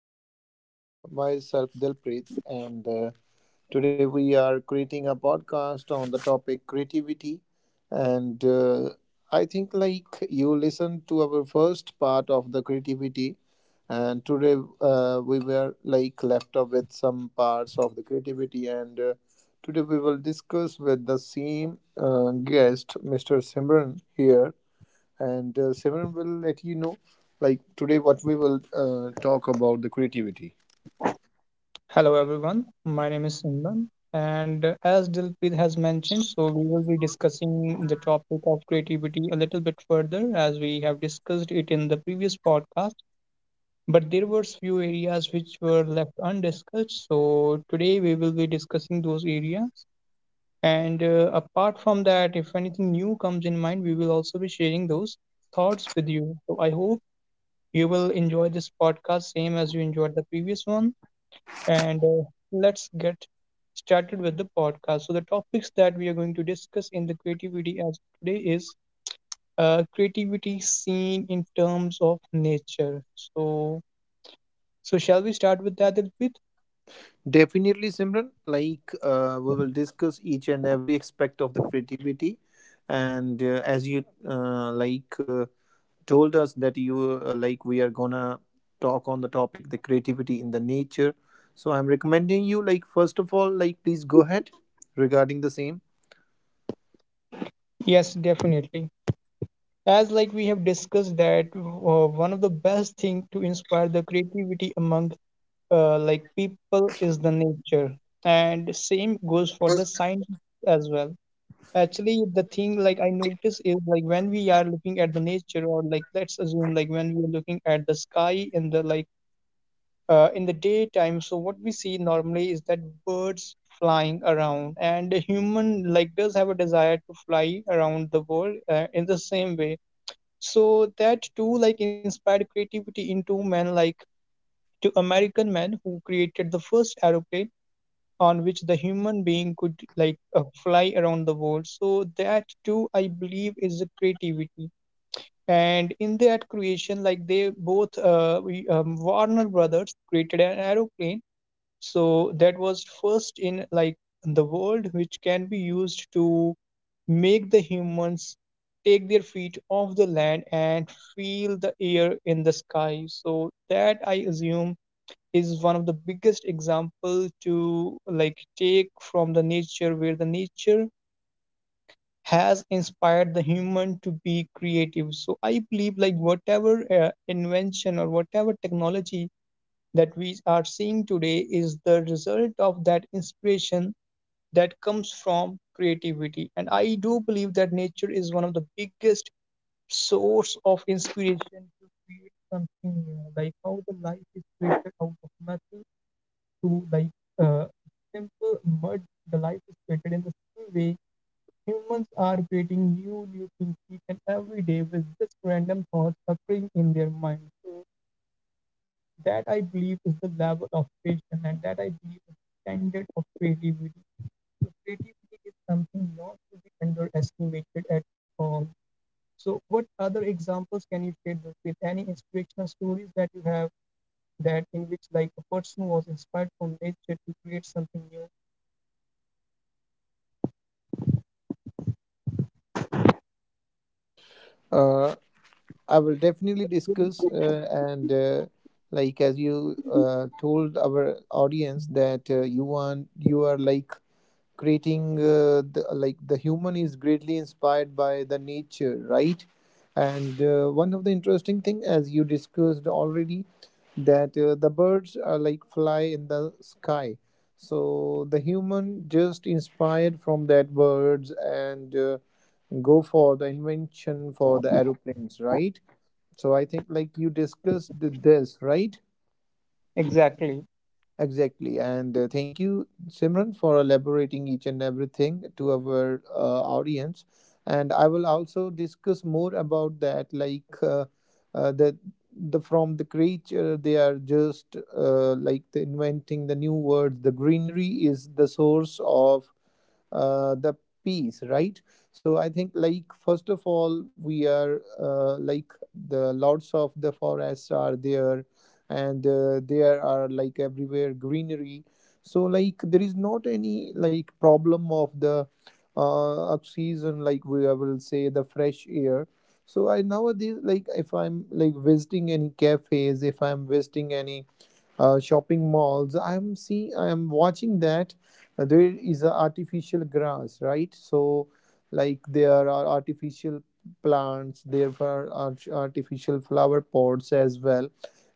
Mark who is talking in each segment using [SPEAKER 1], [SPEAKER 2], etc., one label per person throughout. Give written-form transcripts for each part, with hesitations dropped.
[SPEAKER 1] today. Like myself, Dilpreet, and today we are creating a podcast on the topic creativity. And I think like you listened to our first part of the creativity, and today we were like left off with some parts of the creativity, and today we will discuss with the same guest, Mr. Simran here and Simran will let you know like today what we will talk about the creativity.
[SPEAKER 2] Hello everyone, my name is Simran and as Dilpreet has mentioned, so we will be discussing the topic of creativity a little bit further as we have discussed it in the previous podcast, but there were few areas which were left undiscussed. So today we will be discussing those areas and apart from that, if anything new comes in mind, we will also be sharing those thoughts with you. So I hope you will enjoy this podcast same as you enjoyed the previous one. And Let's get started with the podcast. So, the topics that we are going to discuss in the creativity as today is creativity seen in terms of nature. So, so shall we start with that, Dilpit?
[SPEAKER 1] Definitely, Simran. We will discuss each and every aspect of the creativity, and as you told us that you like we are gonna talk on the topic the creativity in the nature. So I'm recommending you like first of all like please go ahead regarding the same.
[SPEAKER 2] Yes, definitely. As like we have discussed that one of the best thing to inspire the creativity among like people is the nature, and same goes for the science as well. Actually, the thing like I notice is like when we are looking at the nature, or like let's assume like when we are looking at the sky in the like in the daytime. So what we see normally is that birds flying around, and a human like does have a desire to fly around the world in the same way. So that too like inspired creativity into men like to American men who created the first aeroplane on which the human being could like fly around the world, so that too I believe is the creativity. And in that creation like they both Warner Brothers created an aeroplane, so that was first in like the world which can be used to make the humans take their feet off the land and feel the air in the sky. So that I assume is one of the biggest example to like take from the nature, where the nature has inspired the human to be creative. So I believe like whatever invention or whatever technology that we are seeing today is the result of that inspiration that comes from creativity. And I do believe that nature is one of the biggest source of inspiration to create something new, like how the life is created out of nothing, to like uh, simple, mud, the life is created in the same way. Humans are creating new, new things each and every day with just random thoughts occurring in their mind. So that I believe is the level of creation, and that I believe is the standard of creativity. So creativity is something not to be underestimated at all. So, what other examples can you share with? Any inspirational stories that you have that in which like a person was inspired from nature to create something new?
[SPEAKER 1] Uh, I will definitely discuss and like as you told our audience that you are like creating like the human is greatly inspired by the nature, right? and one of the interesting thing, as you discussed already, that the birds are like fly in the sky, so the human just inspired from that birds and go for the invention for the aeroplanes, right? So I think like you discussed this, right?
[SPEAKER 2] Exactly.
[SPEAKER 1] Exactly. And thank you, Simran, for elaborating each and everything to our audience. And I will also discuss more about that, like uh, the the from the creature they are just like the inventing the new words. The greenery is the source of the peace, right? So I think, like first of all, we are like the lords of the forests are there, and there are like everywhere greenery, so like there is not any like problem of the oxygen, like we I will say the fresh air. So I nowadays, like if I'm like visiting any cafes, if I'm visiting any shopping malls, I'm seeing, I'm watching that there is a artificial grass, right? So, like there are artificial plants, there are artificial flower pots as well,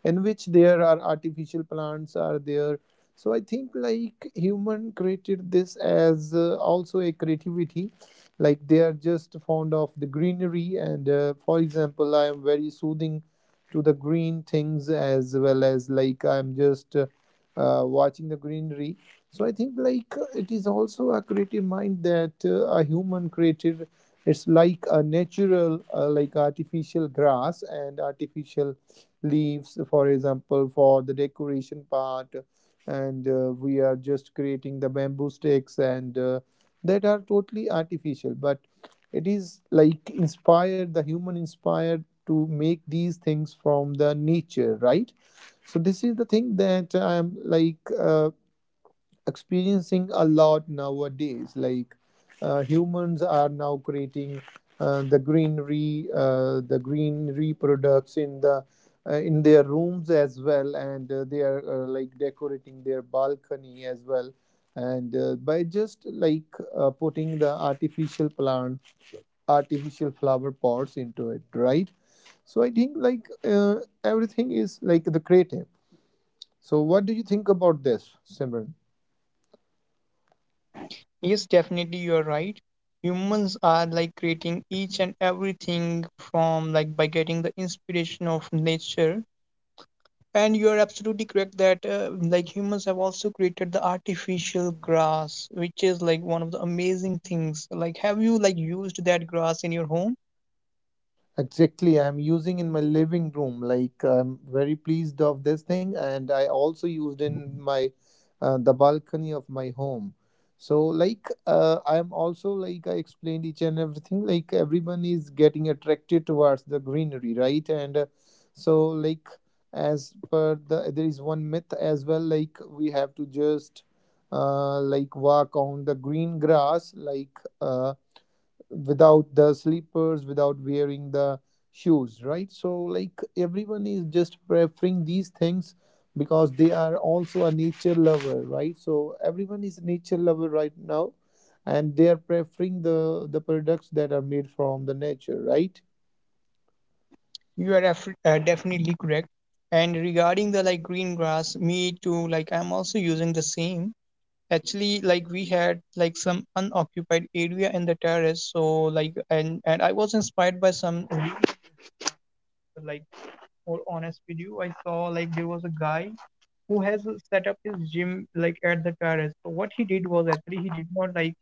[SPEAKER 1] in which there are artificial plants are there. So I think like human created this as also a creativity, like they are just fond of the greenery, and for example, I am very soothing to the green things as well as like I'm just watching the greenery. So I think like it is also a creative mind that a human created. It's like a natural like artificial grass and artificial leaves, for example, for the decoration part, and we are just creating the bamboo sticks and that are totally artificial, but it is like inspired, the human inspired to make these things from the nature, right? So this is the thing that I'm like experiencing a lot nowadays, like humans are now creating the greenery products in the in their rooms as well, and they are like decorating their balcony as well, and by just like putting the artificial plants, artificial flower pots into it, right? So I think like everything is like the creative. So what do you think about this, Simran?
[SPEAKER 2] Yes, definitely you are right. Humans are like creating each and everything from like by getting the inspiration of nature. And you are absolutely correct that like humans have also created the artificial grass, which is like one of the amazing things. Like, have you like used that grass in your home?
[SPEAKER 1] Exactly, I'm using in my living room. Like I'm very pleased of this thing, and I also used in my the balcony of my home. So like I'm also like I explained each and everything. Like everyone is getting attracted towards the greenery, right? And so like as per the there is one myth as well. Like we have to just like walk on the green grass, like. Without the slippers, without wearing the shoes, right? So, like, everyone is just preferring these things because they are also a nature lover, right? So, everyone is a nature lover right now, and they are preferring the products that are made from the nature, right?
[SPEAKER 2] You are definitely correct. And regarding the like green grass, me too, like I'm also using the same. Actually, like we had like some unoccupied area in the terrace, so like and I was inspired by some video, like more honest video I saw like there was a guy who has set up his gym like at the terrace. So what he did was actually he did not like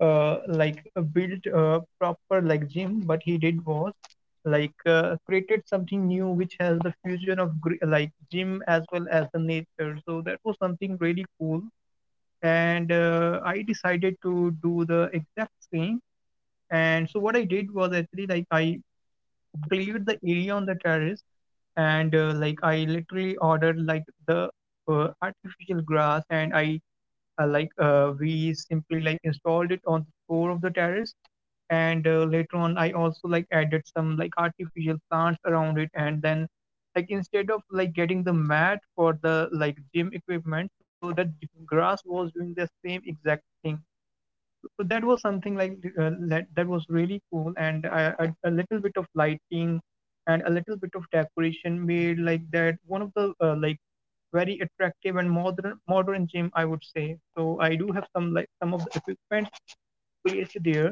[SPEAKER 2] build a proper like gym, but he did was like created something new which has the fusion of like gym as well as the nature. So that was something really cool and I decided to do the exact same. And so what I did was actually like I cleared the area on the terrace and like I literally ordered like the artificial grass, and I we simply like installed it on the floor of the terrace. And later on I also like added some like artificial plants around it, and then like instead of like getting the mat for the like gym equipment, so that the grass was doing the same exact thing. So that was something like that was really cool. And a little bit of lighting and a little bit of decoration made like that one of the like very attractive and modern gym I would say. So I do have some like some of the equipment placed there.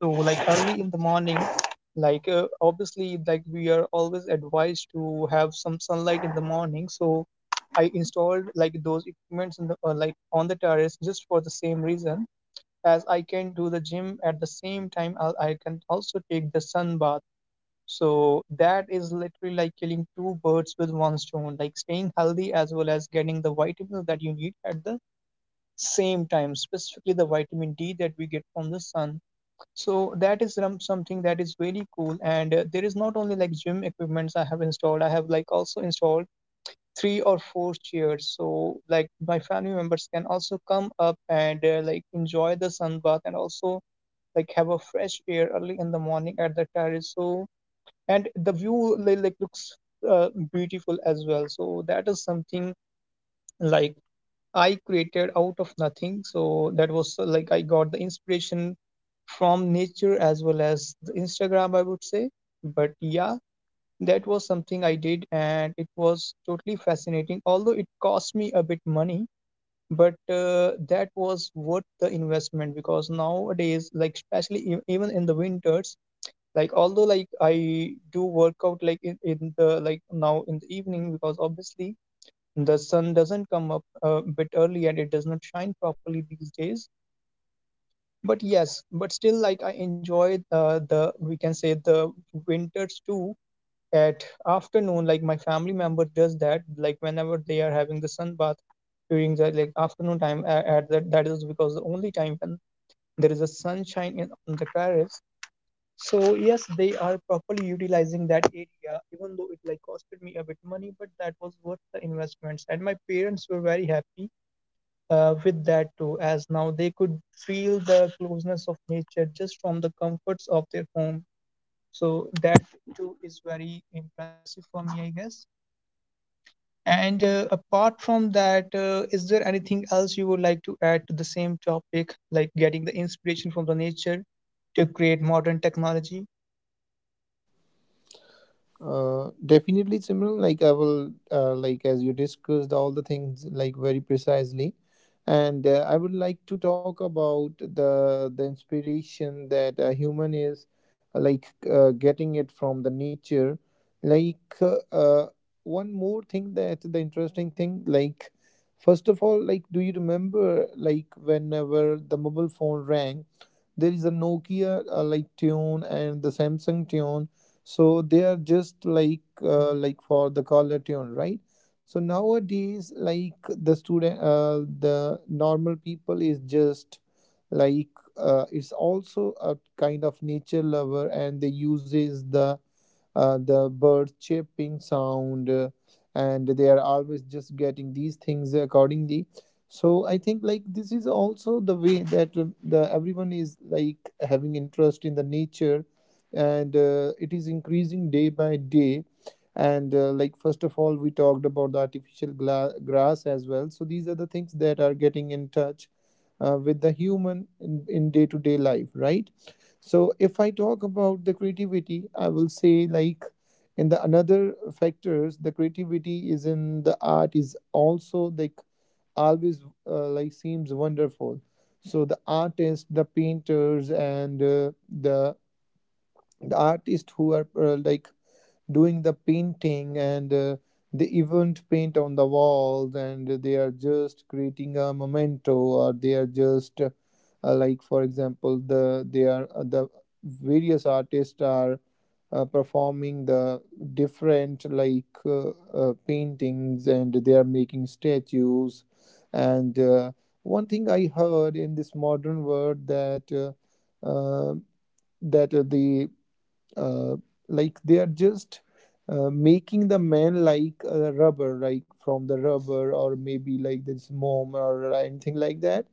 [SPEAKER 2] So like early in the morning, like obviously like we are always advised to have some sunlight in the morning, so I installed like those equipments in the like on the terrace just for the same reason, as I can do the gym at the same time, I can also take the sun bath. So that is literally like killing two birds with one stone, like staying healthy as well as getting the vitamins that you need at the same time, specifically the vitamin D that we get from the sun. So that is something that is really cool. And there is not only like gym equipments I have installed, I have like also installed three or four chairs so like my family members can also come up and like enjoy the sun bath and also like have a fresh air early in the morning at the terrace. So and the view like looks beautiful as well. So that is something like I created out of nothing. So that was like I got the inspiration from nature as well as the Instagram I would say. But yeah, that was something I did and it was totally fascinating, although it cost me a bit money. But that was worth the investment, because nowadays like especially even in the winters, like although like I do work out like in the like now in the evening, because obviously the sun doesn't come up a bit early and it does not shine properly these days. But yes, but still like I enjoy the we can say the winters too. At afternoon like my family member does that like whenever they are having the sun bath during the like afternoon time, at that that is because the only time when there is a sunshine on the terrace. So yes, they are properly utilizing that area, even though it like costed me a bit money, but that was worth the investments. And my parents were very happy with that too, as now they could feel the closeness of nature just from the comforts of their home. So that too is very impressive for me, I guess. And apart from that, is there anything else you would like to add to the same topic, like getting the inspiration from the nature to create modern technology?
[SPEAKER 1] Definitely, Simran. Like I will, as you discussed all the things like very precisely, and I would like to talk about the inspiration that a human is getting it from the nature. Like uh, uh, one more thing that the interesting thing, like first of all, like do you remember like whenever the mobile phone rang? There is a Nokia like tune and the Samsung tune, so they are just like for the color tune, right? So nowadays like the normal people is just like it's also a kind of nature lover, and they uses the bird chirping sound, and they are always just getting these things accordingly. So I think like this is also the way that the everyone is like having interest in the nature, and it is increasing day by day, and like first of all we talked about the artificial grass as well, so these are the things that are getting in touch with the human in day-to-day life, right? So if I talk about the creativity, I will say like in the another factors, the creativity is in the art is also like always like seems wonderful. So the artists, the painters, and the artists who are like doing the painting, and they even paint on the walls, and they are just creating a memento, or they are just like for example the they are the various artists are performing the different paintings, and they are making statues, and one thing I heard in this modern world that uh, that the uh, like they are just making the man like a rubber, like from the rubber, or maybe like this mom or anything like that,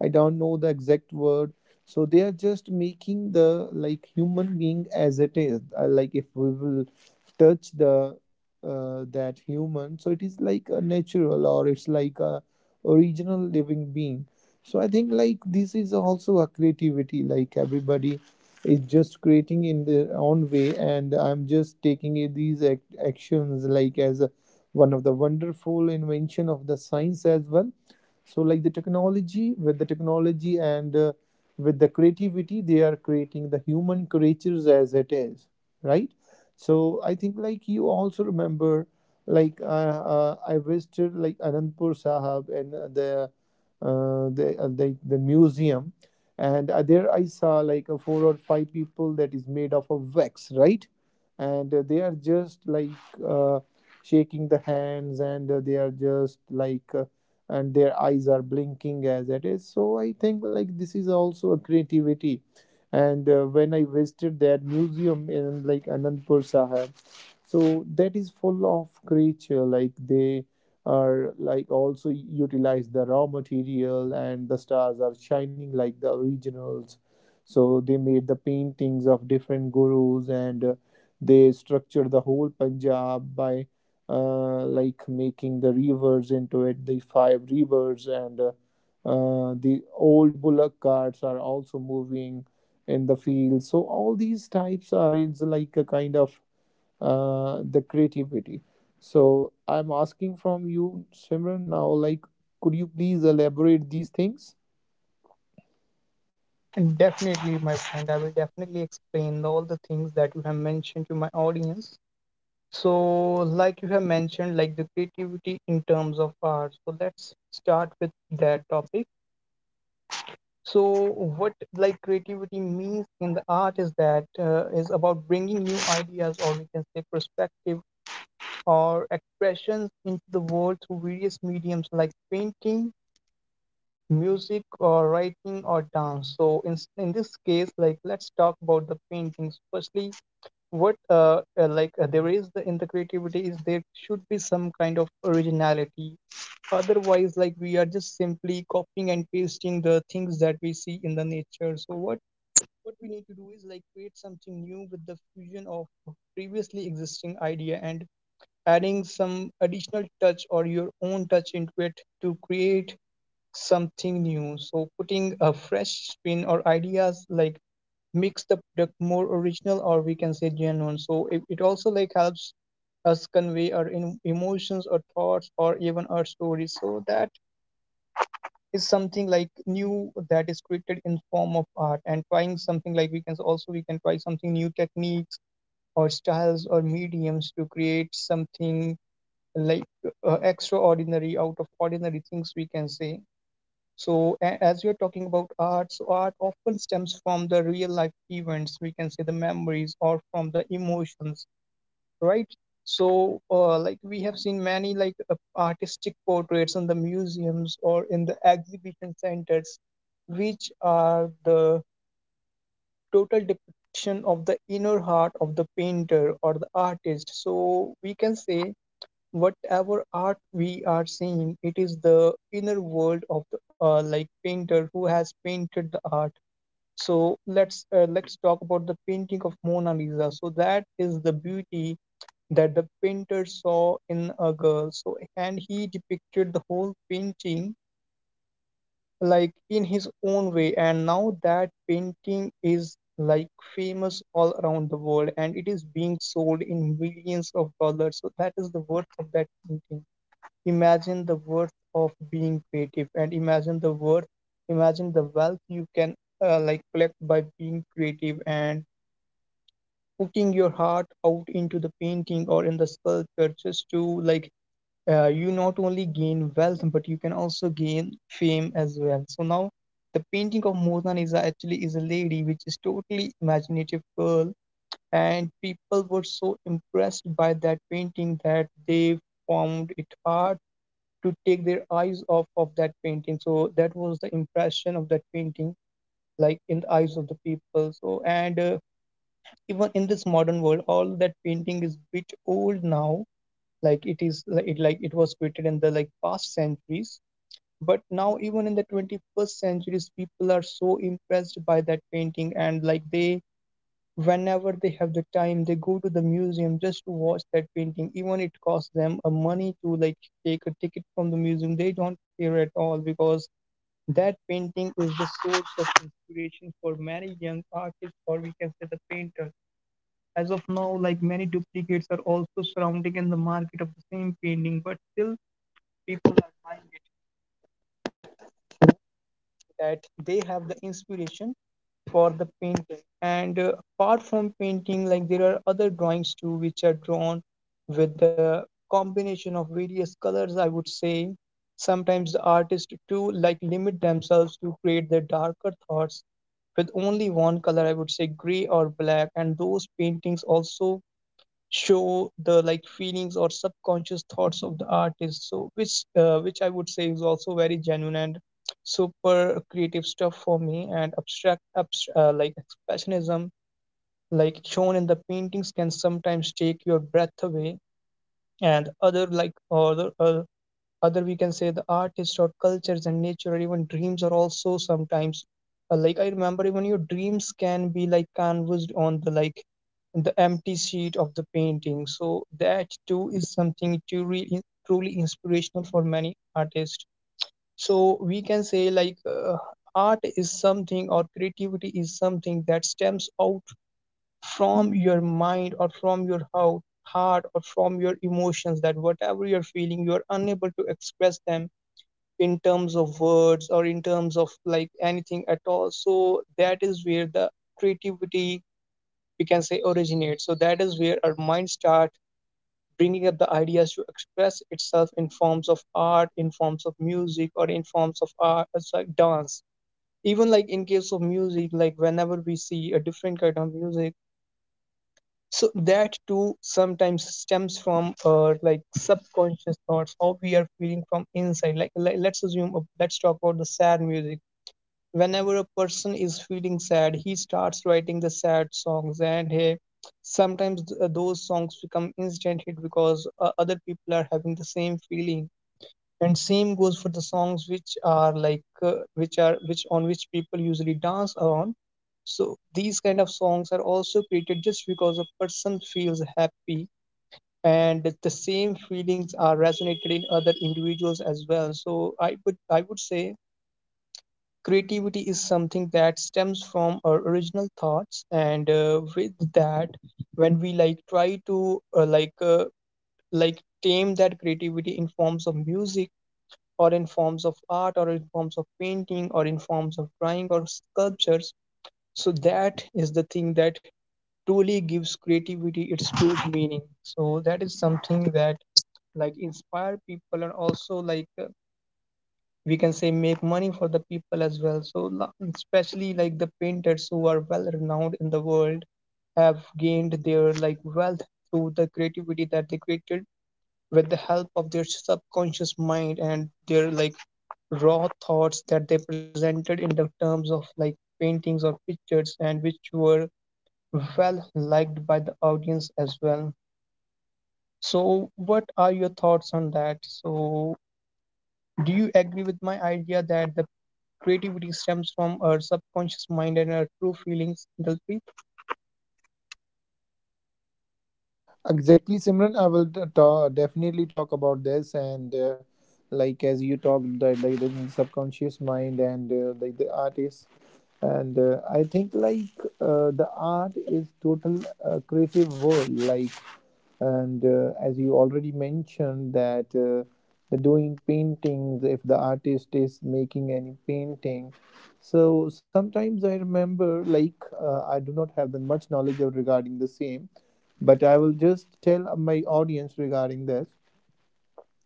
[SPEAKER 1] I don't know the exact word. So they are just making the like human being as it is, like if we will touch the that human, so it is like a natural, or it's like a original living being. So I think like this is also a creativity, like everybody is just creating in their own way, and I'm just taking these actions like as a one of the wonderful invention of the science as well. So like the technology and with the creativity, they are creating the human creatures as it is, right? So I think like you also remember like I visited like Anandpur Sahab, and the museum, and there I saw like a four or five people that is made of a wax, right? and they are just like uh, shaking the hands, and they are just like and their eyes are blinking as it is. So I think like this is also a creativity. And when I visited that museum in like Anandpur Sahib, so that is full of creature. Like they are like also utilize the raw material, and the stars are shining like the originals. So they made the paintings of different gurus, and they structured the whole Punjab by like making the rivers into it, the five rivers, and the old bullock carts are also moving in the field. So all these types are it's like a kind of the creativity. So I'm asking from you, Simran, now like could you please elaborate these things?
[SPEAKER 2] Definitely, my friend. I will definitely explain all the things that you have mentioned to my audience. So, like you have mentioned, like the creativity in terms of art. So, let's start with that topic. So, what like creativity means in the art is that is about bringing new ideas, or we can say perspective or expressions into the world through various mediums like painting, music or writing or dance. So in this case like let's talk about the paintings firstly. What there is the in the creativity is there should be some kind of originality, otherwise like we are just simply copying and pasting the things that we see in the nature. So what we need to do is like create something new with the fusion of previously existing idea and adding some additional touch or your own touch into it to create something new. So putting a fresh spin or ideas like makes the product more original or we can say genuine. So it also like helps us convey our emotions or thoughts or even our stories. So that is something like new that is created in form of art. And trying something like we can also we can try something new techniques or styles or mediums to create something like extraordinary out of ordinary things we can say. So, as you're talking about art, so art often stems from the real life events, we can say the memories or from the emotions, right? So, like we have seen many like artistic portraits in the museums or in the exhibition centers, which are the total depiction of the inner heart of the painter or the artist. So, we can say whatever art we are seeing, it is the inner world of the like painter who has painted the art. So let's talk about the painting of Mona Lisa. So that is the beauty that the painter saw in a girl. So and he depicted the whole painting like in his own way. And now that painting is like famous all around the world and it is being sold in millions of dollars. So that is the worth of that painting. Imagine the worth of being creative and imagine the worth, imagine the wealth you can like collect by being creative and putting your heart out into the painting or in the sculpture just to you not only gain wealth but you can also gain fame as well. So now the painting of Mona Lisa actually is a lady which is totally imaginative girl, and people were so impressed by that painting that they found it hard to take their eyes off of that painting. So that was the impression of that painting like in the eyes of the people, so and even in this modern world all that painting is bit old now, like it is like it was created in the like past centuries, but now even in the 21st centuries people are so impressed by that painting, and like they Whenever they have the time, they go to the museum just to watch that painting. Even it costs them a money to like take a ticket from the museum. They don't care at all because that painting is the source of inspiration for many young artists, or we can say the painter. As of now, like many duplicates are also surrounding in the market of the same painting, but still people are buying it. That they have the inspiration for the painting. And apart from painting, like there are other drawings too which are drawn with the combination of various colors, I would say. Sometimes the artist too like limit themselves to create their darker thoughts with only one color, I would say gray or black, and those paintings also show the like feelings or subconscious thoughts of the artist, so which I would say is also very genuine and super creative stuff for me. And abstract like expressionism like shown in the paintings can sometimes take your breath away. And other like other other we can say the artists or cultures and nature or even dreams are also sometimes, like I remember even your dreams can be like canvassed on the like the empty sheet of the painting. So that too is something to really truly inspirational for many artists. So we can say like, art is something or creativity is something that stems out from your mind or from your heart, or from your emotions, that whatever you're feeling you're unable to express them in terms of words or in terms of like anything at all. So that is where the creativity, we can say, originates. So that is where our mind start bringing up the ideas to express itself in forms of art, in forms of music, or in forms of art, sorry, dance. Even like in case of music, like whenever we see a different kind of music, so that too sometimes stems from, like subconscious thoughts, how we are feeling from inside. Like, let's assume, let's talk about the sad music. Whenever a person is feeling sad, he starts writing the sad songs, and hey, sometimes those songs become instant hit because other people are having the same feeling. And same goes for the songs which are like, which are which on which people usually dance around. So these kind of songs are also created just because a person feels happy, and the same feelings are resonated in other individuals as well. So I would say creativity is something that stems from our original thoughts, and with that, when we like try to like tame that creativity in forms of music or in forms of art or in forms of painting or in forms of drawing or sculptures, so that is the thing that truly gives creativity its true meaning. So that is something that like inspire people and also like, we can say, make money for the people as well, so especially like the painters who are well renowned in the world have gained their like wealth through the creativity that they created with the help of their subconscious mind and their like raw thoughts that they presented in the terms of like paintings or pictures, and which were well liked by the audience as well. So what are your thoughts on that? So do you agree with my idea that the creativity stems from our subconscious mind and our true feelings, Dalpreet?
[SPEAKER 1] Exactly, Simran. I will t- ta definitely talk about this and like as you talked that like the subconscious mind and like the artist and I think like the art is total creative world like and as you already mentioned that the doing paintings if the artist is making any painting. So sometimes I remember like I do not have that much knowledge of regarding the same, but I will just tell my audience regarding this,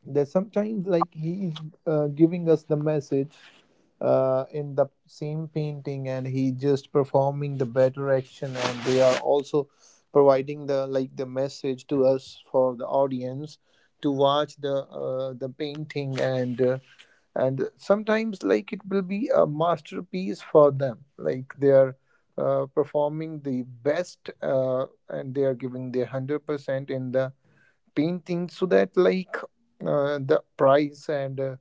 [SPEAKER 1] that sometimes like he is giving us the message in the same painting, and he just performing the better action, and they are also providing the like the message to us for the audience to watch the painting and and sometimes like it will be a masterpiece for them. Like they are performing the best and they are giving their 100% in the painting, so that like the prize and uh,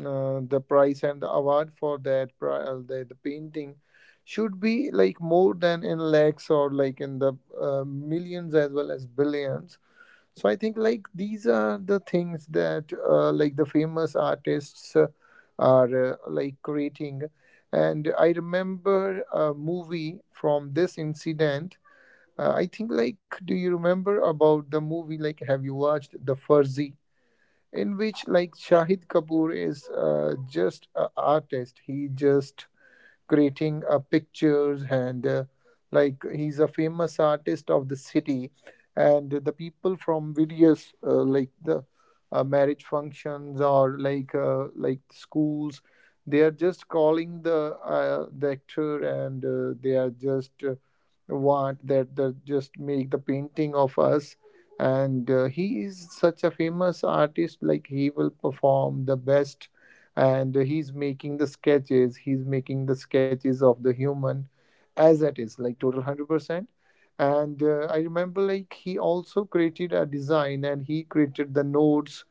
[SPEAKER 1] uh, the prize and the award for that the painting should be like more than in lakhs or like in the millions as well as billions. So I think like these are the things that like the famous artists are like creating. And I remember a movie from this incident. I think like, do you remember about the movie? Like, have you watched The Fuzzy, in which like Shahid Kapoor is just an artist? He just creating pictures and like he's a famous artist of the city, and the people from various like the marriage functions or like like schools, they are just calling the actor and they are just want that they just make the painting of us. And he is such a famous artist, like he will perform the best, and he's making the sketches, he's making the sketches of the human as it is like total 100%. And I remember like he also created a design, and he created the nodes,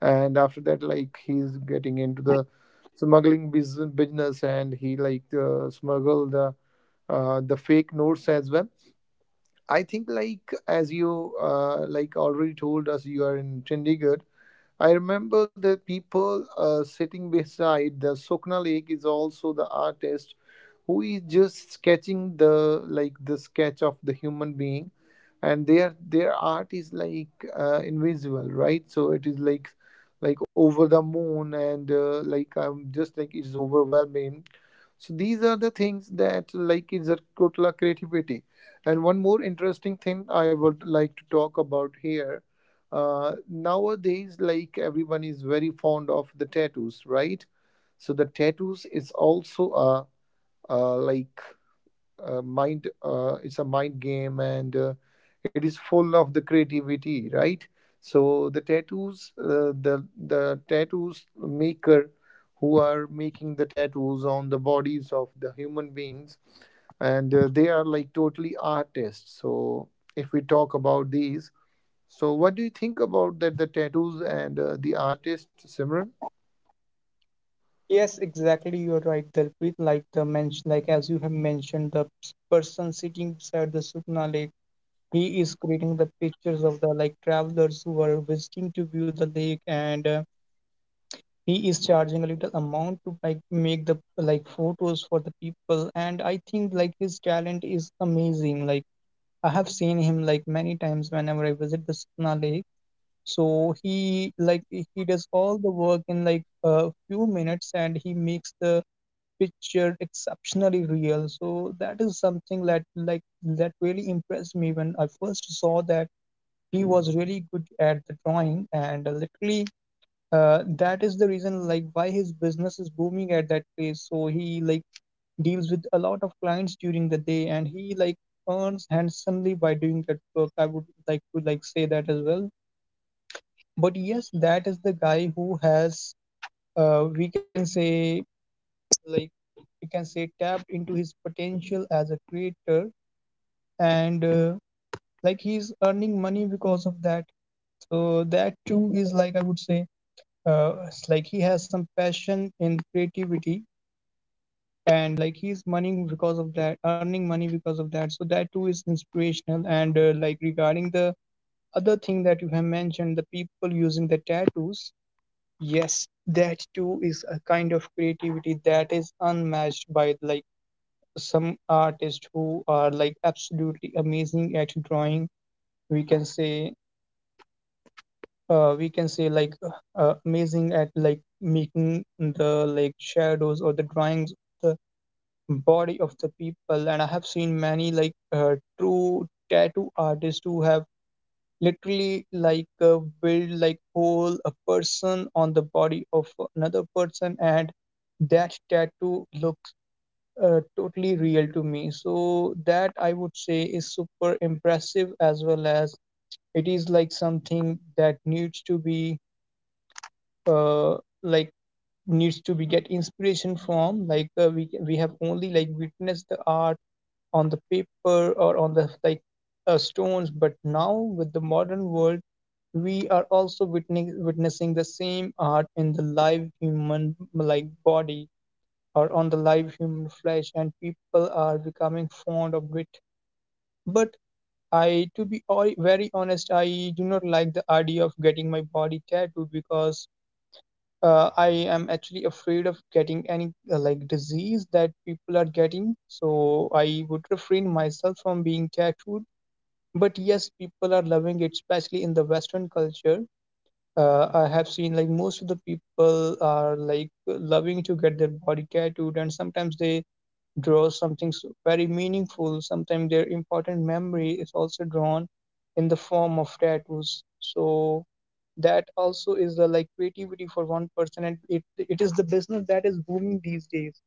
[SPEAKER 1] and after that like he's getting into the smuggling business and he like smuggle the fake notes as well. I think like as you like already told us, you are in Chandigarh. I remember the people sitting beside the Sokna Lake is also the artist, who is just sketching the like the sketch of the human being, and their art is like invisible, right? So it is like over the moon and like am just like it's overwhelming. So these are the things that like is a total creativity. And one more interesting thing I would like to talk about here. Nowadays like everyone is very fond of the tattoos, right? So the tattoos is also a, like a mind it's a mind game and it is full of the creativity, right? So the tattoos, the tattoos maker, who are making the tattoos on the bodies of the human beings and they are like totally artists. So if we talk about these, so, what do you think about that? The tattoos and the artist, Simran?
[SPEAKER 2] Yes, exactly. You're right, Dalpreet. Like the mention, like as you have mentioned, the person sitting beside the Sukna Lake, he is creating the pictures of the like travelers who are visiting to view the lake, and he is charging a little amount to like make the like photos for the people. And I think like his talent is amazing. Like I have seen him like many times whenever I visit the Sukna Lake, so he does all the work in like a few minutes, and he makes the picture exceptionally real. So that is something that like that really impressed me when I first saw that he was really good at the drawing, and literally, that is the reason like why his business is booming at that place. So he like deals with a lot of clients during the day, and he like earns handsomely by doing that work, I would like to like say that as well. But yes, that is the guy who has, we can say, like, tapped into his potential as a creator, and like he's earning money because of that. So that too is like, I would say, it's like he has some passion in creativity, and like he's money because of that, earning money because of that. So that too is inspirational. And like regarding the other thing that you have mentioned, the people using the tattoos. Yes, that too is a kind of creativity that is unmatched by like some artists who are like absolutely amazing at drawing. We can say, uh, we can say like uh, amazing at like making the like shadows or the drawings of the body of the people. And I have seen many like, true tattoo artists who have literally like, build like whole a person on the body of another person, and that tattoo looks, totally real to me. So that, I would say, is super impressive, as well as it is like something that needs to be, uh, like get inspiration from, like, we have only like witnessed the art on the paper or on the like, stones. But now with the modern world, we are also witnessing the same art in the live human like body or on the live human flesh, and people are becoming fond of it. But I, to be all, very honest, I do not like the idea of getting my body tattooed, because I am actually afraid of getting any, like disease that people are getting, so I would refrain myself from being tattooed. But yes, people are loving it, especially in the Western culture. I have seen like most of the people are like loving to get their body tattooed, and sometimes they draw something very meaningful. Sometimes their important memory is also drawn in the form of tattoos. So that also is the like creativity for one person, and it is the business that is booming these days.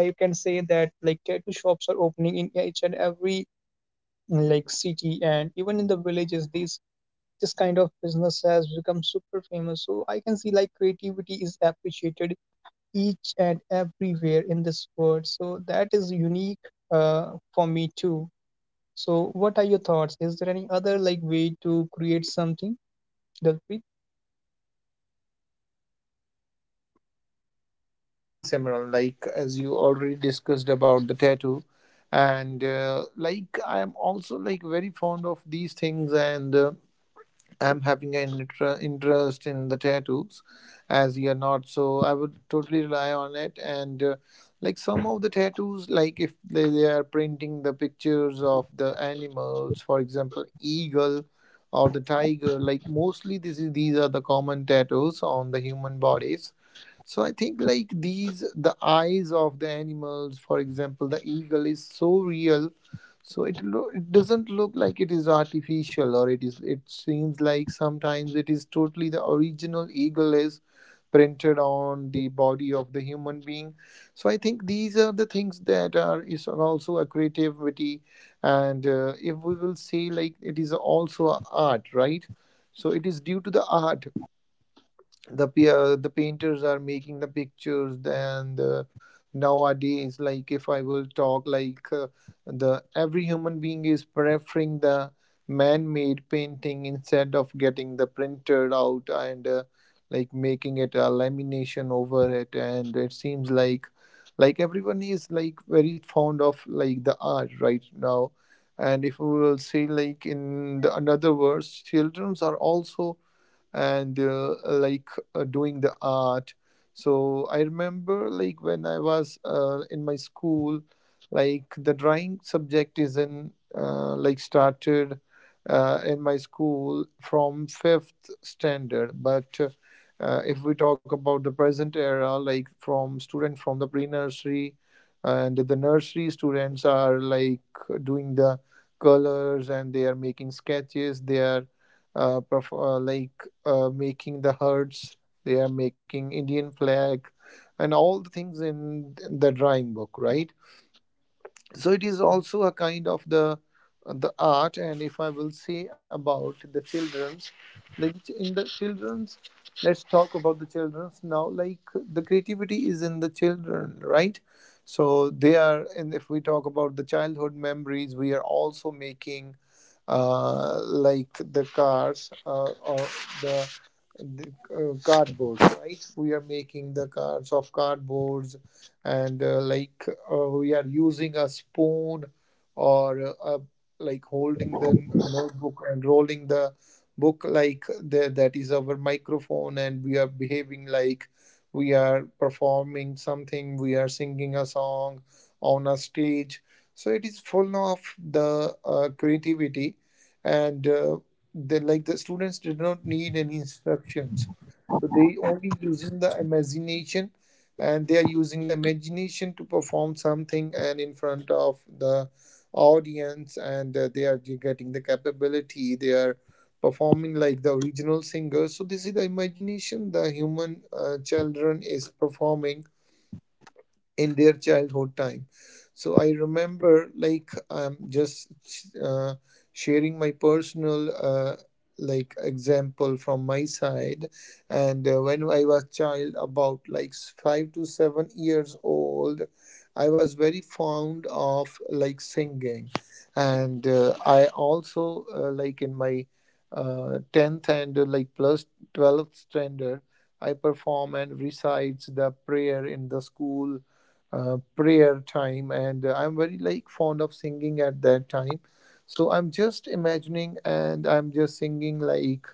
[SPEAKER 2] I can say that like tattoo shops are opening in each and every like city and even in the villages. This kind of business has become super famous, so I can see like creativity is appreciated each and everywhere in this world. So that is unique, uh, for me too. So what are your thoughts? Is there any other like way to create something, Dalpreet?
[SPEAKER 1] Exactly, Simran. Like as you already discussed about the tattoo, and like I am also like very fond of these things, and I'm having an interest in the tattoos as you're not. So I would totally rely on it. And like some of the tattoos, like if they are printing the pictures of the animals, for example, eagle or the tiger, like mostly this is, these are the common tattoos on the human bodies. So I think like these, the eyes of the animals, for example, the eagle is so real, so it it doesn't look like it is artificial, or it is, it seems like sometimes it is totally the original eagle is printed on the body of the human being. So I think these are the things that are is also a creativity, and if we will say like it is also a art, right? So it is due to the art the the painters are making the pictures and nowadays like if I will talk like the every human being is preferring the man-made painting instead of getting the printed out and like making it a lamination over it, and it seems like everyone is like very fond of like the art right now. And if we will say like in the another words, childrens are also and doing the art. So I remember like when I was in my school, like the drawing subject is in like started in my school from fifth standard, but if we talk about the present era, like from student, from the pre-nursery and the nursery students are like doing the colors, and they are making sketches. They are like making the herds, they are making Indian flag, and all the things in the drawing book, right? So it is also a kind of the art. And if I will say about the children's, like in the children's, let's talk about the children's now. Like the creativity is in the children, right? So they are, and if we talk about the childhood memories, we are also making like the cars or the, the cardboards, right? We are making the cars of cardboards and like we are using a spoon or like holding the notebook and rolling the book, like the, that is our microphone, and we are behaving like we are performing something, we are singing a song on a stage. So it is full of the creativity. And the, like the students did not need any instructions. So they only using the imagination, and they are using the imagination to perform something and in front of the audience and they are getting the capability, they are performing like the original singer. So this is the imagination the human children is performing in their childhood time. So I remember, like, I'm just uh, sharing my personal, like, example from my side. And when I was child, about like 5 to 7 years old, I was very fond of like singing, and I also like in my 10th and like plus 12th standard, I perform and recites the prayer in the school prayer time and I'm very like fond of singing at that time. So I'm just imagining and I'm just singing like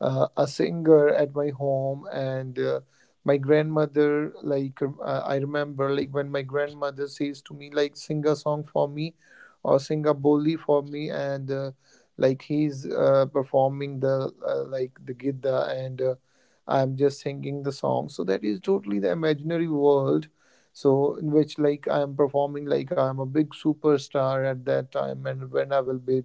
[SPEAKER 1] a singer at my home and my grandmother like, I remember like when my grandmother says to me, like, sing a song for me or sing a boli for me, and like he's performing the like the gidda and I'm just singing the song. So that is totally the imaginary world, so in which like I am performing like I am a big superstar at that time, and when I will be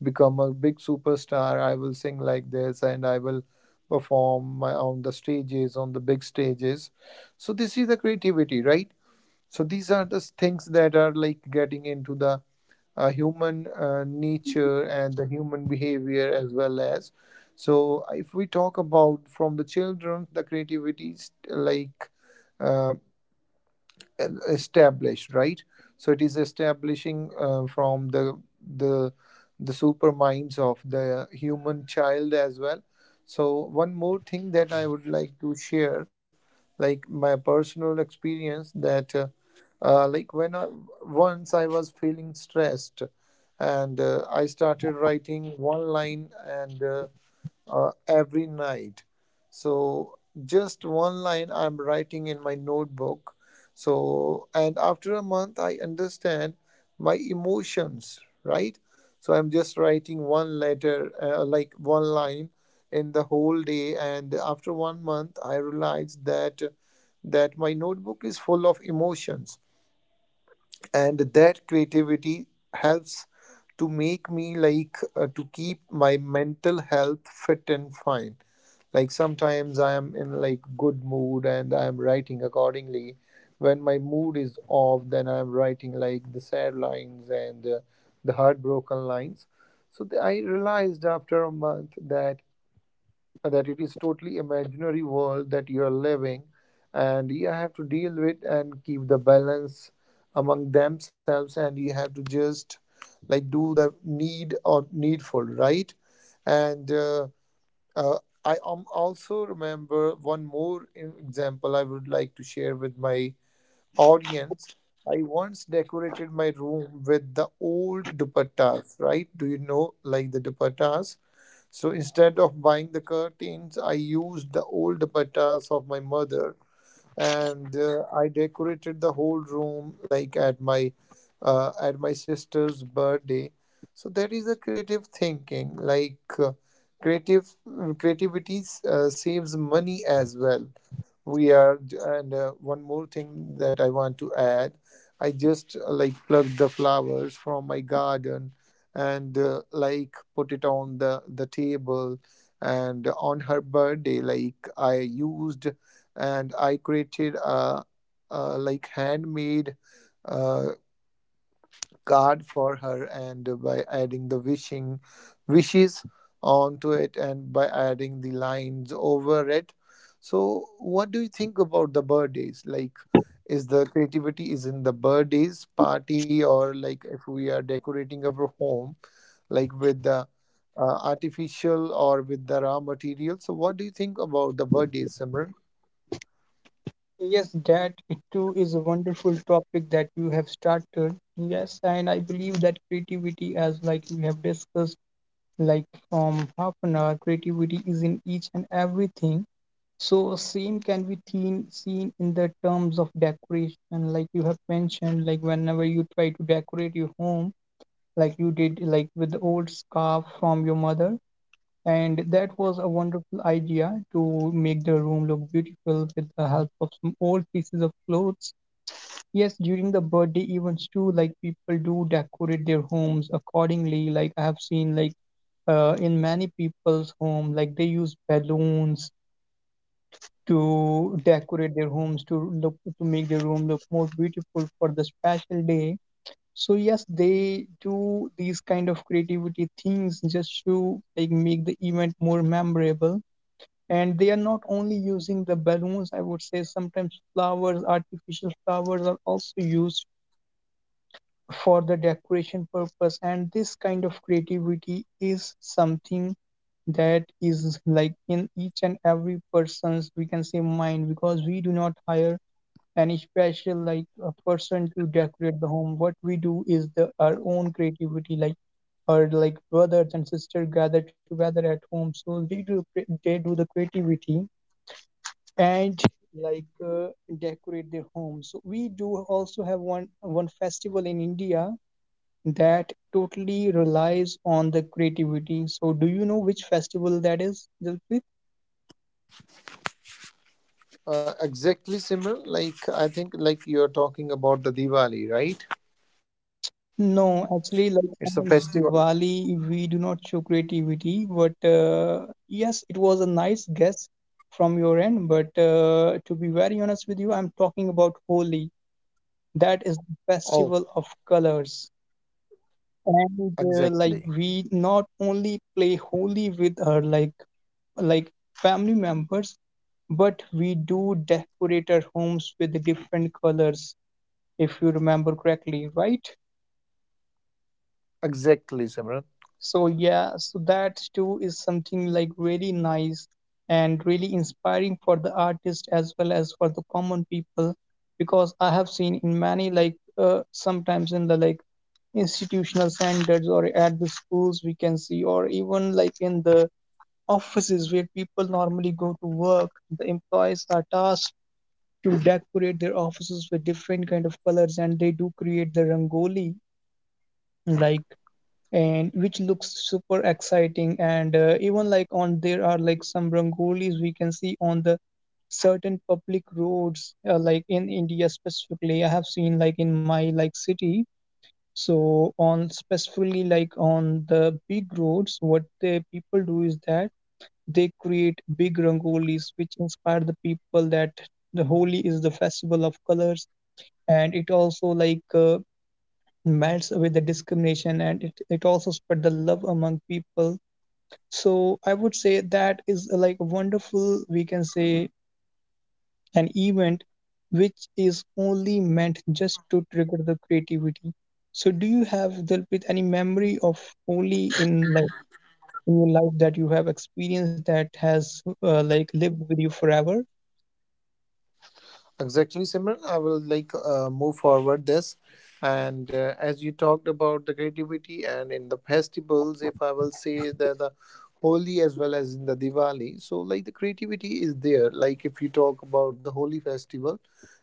[SPEAKER 1] become a big superstar, I will sing like this, and I will perform my, on the stages, on the big stages. So, this is the creativity, right? So, these are the things that are like getting into the human nature and the human behavior as well as. So, if we talk about from the children, the creativity is like, uh, established, right? So it is establishing from the the the super minds of the human child as well. So one more thing that I would like to share, like my personal experience, that like when I, once I was feeling stressed and I started writing 1 line and every night. So just 1 line I'm writing in my notebook. So and after a month I understand my emotions, right? So I'm just writing one letter, like 1 line in the whole day, and after 1 month I realized that, that my notebook is full of emotions, and that creativity helps to make me like to keep my mental health fit and fine. Like sometimes I am in like good mood and I am writing accordingly. When my mood is off, then I am writing like the sad lines and the heartbroken lines. So I realized after a month that, that it is totally imaginary world that you are living, and you have to deal with and keep the balance among themselves, and you have to just like do the need or needful, right? And uh, uh, I am also remember one more example I would like to share with my audience. I once decorated my room with the old dupattas, right? Do you know like the dupattas? So instead of buying the curtains, I used the old pattas of my mother, and I decorated the whole room like at my sister's birthday. So that is a creative thinking. Like creative creativity saves money as well. We are and one more thing that I want to add. I just like plucked the flowers from my garden and like put it on the table, and on her birthday like I used, and I created a like handmade uh, card for her, and by adding the wishing wishes onto it, and by adding the lines over it. So, what do you think about the birthdays? Like, is the creativity is in the birthdays party, or like if we are decorating our home, like with the artificial or with the raw material? So, what do you think about the birthdays, Simran?
[SPEAKER 2] Yes, that it too is a wonderful topic that you have started. Yes, and I believe that creativity, as like we have discussed, like from half an hour, creativity is in each and everything. So same can be seen in the terms of decoration, like you have mentioned, like whenever you try to decorate your home, like you did, like with the old scarf from your mother, and that was a wonderful idea to make the room look beautiful with the help of some old pieces of clothes. Yes, during the birthday events too, like people do decorate their homes accordingly. Like I have seen, like in many people's home, like they use balloons to decorate their homes to make their room look more beautiful for the special day. So yes, they do these kind of creativity things just to like make the event more memorable, and they are not only using the balloons. I would say sometimes flowers, artificial flowers are also used for the decoration purpose, and this kind of creativity is something that is like in each and every person's, we can say, mind, because we do not hire any special like a person to decorate the home. What we do is the our own creativity, like our like brothers and sisters gather together at home, so they they do the creativity and like uh, decorate their homes. So we do also have one festival in India that totally relies on the creativity. So do you know which festival that is, Dilpreet?
[SPEAKER 1] Exactly, Simran. Like I think, like you are talking about the Diwali, right?
[SPEAKER 2] No,
[SPEAKER 1] It's a
[SPEAKER 2] actually, like
[SPEAKER 1] festival.
[SPEAKER 2] on Diwali, we do not show creativity, but yes, it was a nice guess from your end. But to be very honest with you, I'm talking about Holi. That is the
[SPEAKER 1] Oh,
[SPEAKER 2] festival of colors. and
[SPEAKER 1] exactly,
[SPEAKER 2] uh, like we not only play holy with our like family members, but we do decorate our homes with different colors, if you remember correctly, right?
[SPEAKER 1] exactly, Simran.
[SPEAKER 2] So yeah, so that too is something like really nice and really inspiring for the artist as well as for the common people, because I have seen in many like sometimes in the like institutional centers or at the schools we can see, or even like in the offices where people normally go to work, the employees are tasked to decorate their offices with different kind of colors, and they do create the rangoli like, and which looks super exciting. And even like on there are like some rangolis we can see on the certain public roads, like in India specifically, I have seen like in my like city. So on specifically like on the big roads, what the people do is that they create big rangolis which inspire the people that the Holi is the festival of colors, and it also melts away the discrimination, and it also spread the love among people. So I would say that is like a wonderful, we can say, an event which is only meant just to trigger the creativity. So do you have, Dilpreet, any memory of Holi in like in your life that you have experienced that has like lived with you forever?
[SPEAKER 1] Exactly, Simran. I will like move forward this, and as you talked about the creativity and in the festivals, if I will say that the Holi as well as in the Diwali, so like the creativity is there. Like if you talk about the Holi festival,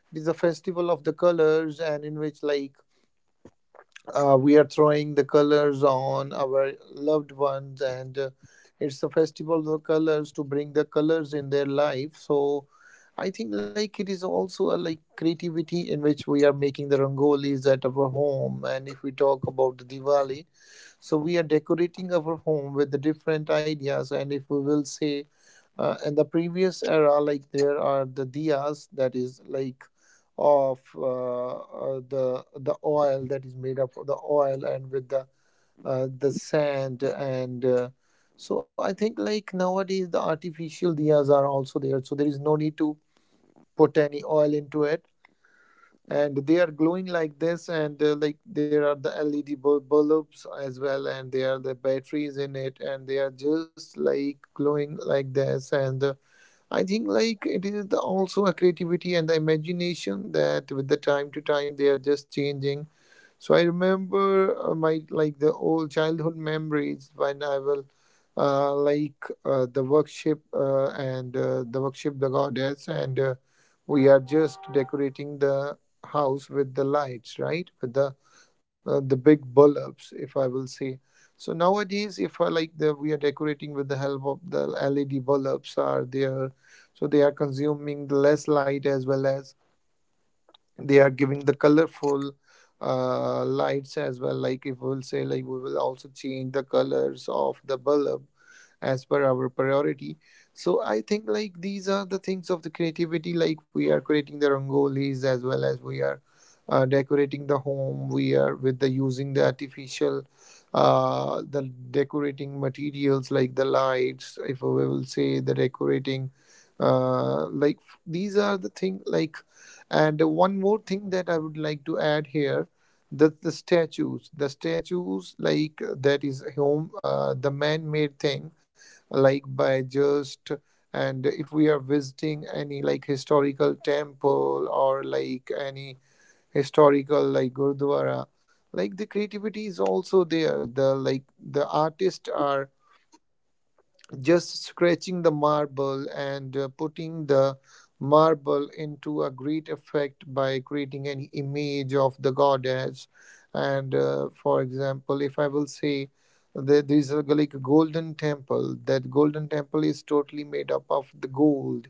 [SPEAKER 1] it is a festival of the colors, and in which we are throwing the colors on our loved ones, and it's a festival of colors to bring the colors in their life. So I think like it is also a like creativity in which we are making the rangolis at our home, and if we talk about the Diwali, so we are decorating our home with the different ideas. And if we will say in the previous era, like there are the diyas that is like of the oil that is made up of the oil and with the sand and. So I think like nowadays the artificial diyas are also there, so there is no need to put any oil into it and they are glowing like this, and like there are the LED bulbs as well and there are the batteries in it and they are just like glowing like this, and I think like it is also a creativity and the imagination that with the time to time they are just changing. So I remember my like the old childhood memories when I will the workshop and the workshop the goddess, and we are just decorating the house with the lights, right? With the big bulbs, if I will say. So nowadays, if I like the we are decorating with the help of the LED bulbs are there, so they are consuming less light as well as they are giving the colorful lights as well. Like if we'll say like we will also change the colors of the bulb as per our priority. So I think like these are the things of the creativity, like we are creating the rangolis as well as we are decorating the home. We are with the using the artificial the decorating materials like the lights, if we will say the decorating, uh, like these are the thing like. And one more thing that I would like to add here, that the statues like that is home, the man-made thing, like by just. And if we are visiting any like historical temple or like any historical like gurdwara, like the creativity is also there, the like the artists are just scratching the marble and putting the marble into a great effect by creating an image of the goddess. And for example, if I will say that there is a, like a golden temple. That golden temple is totally made up of the gold,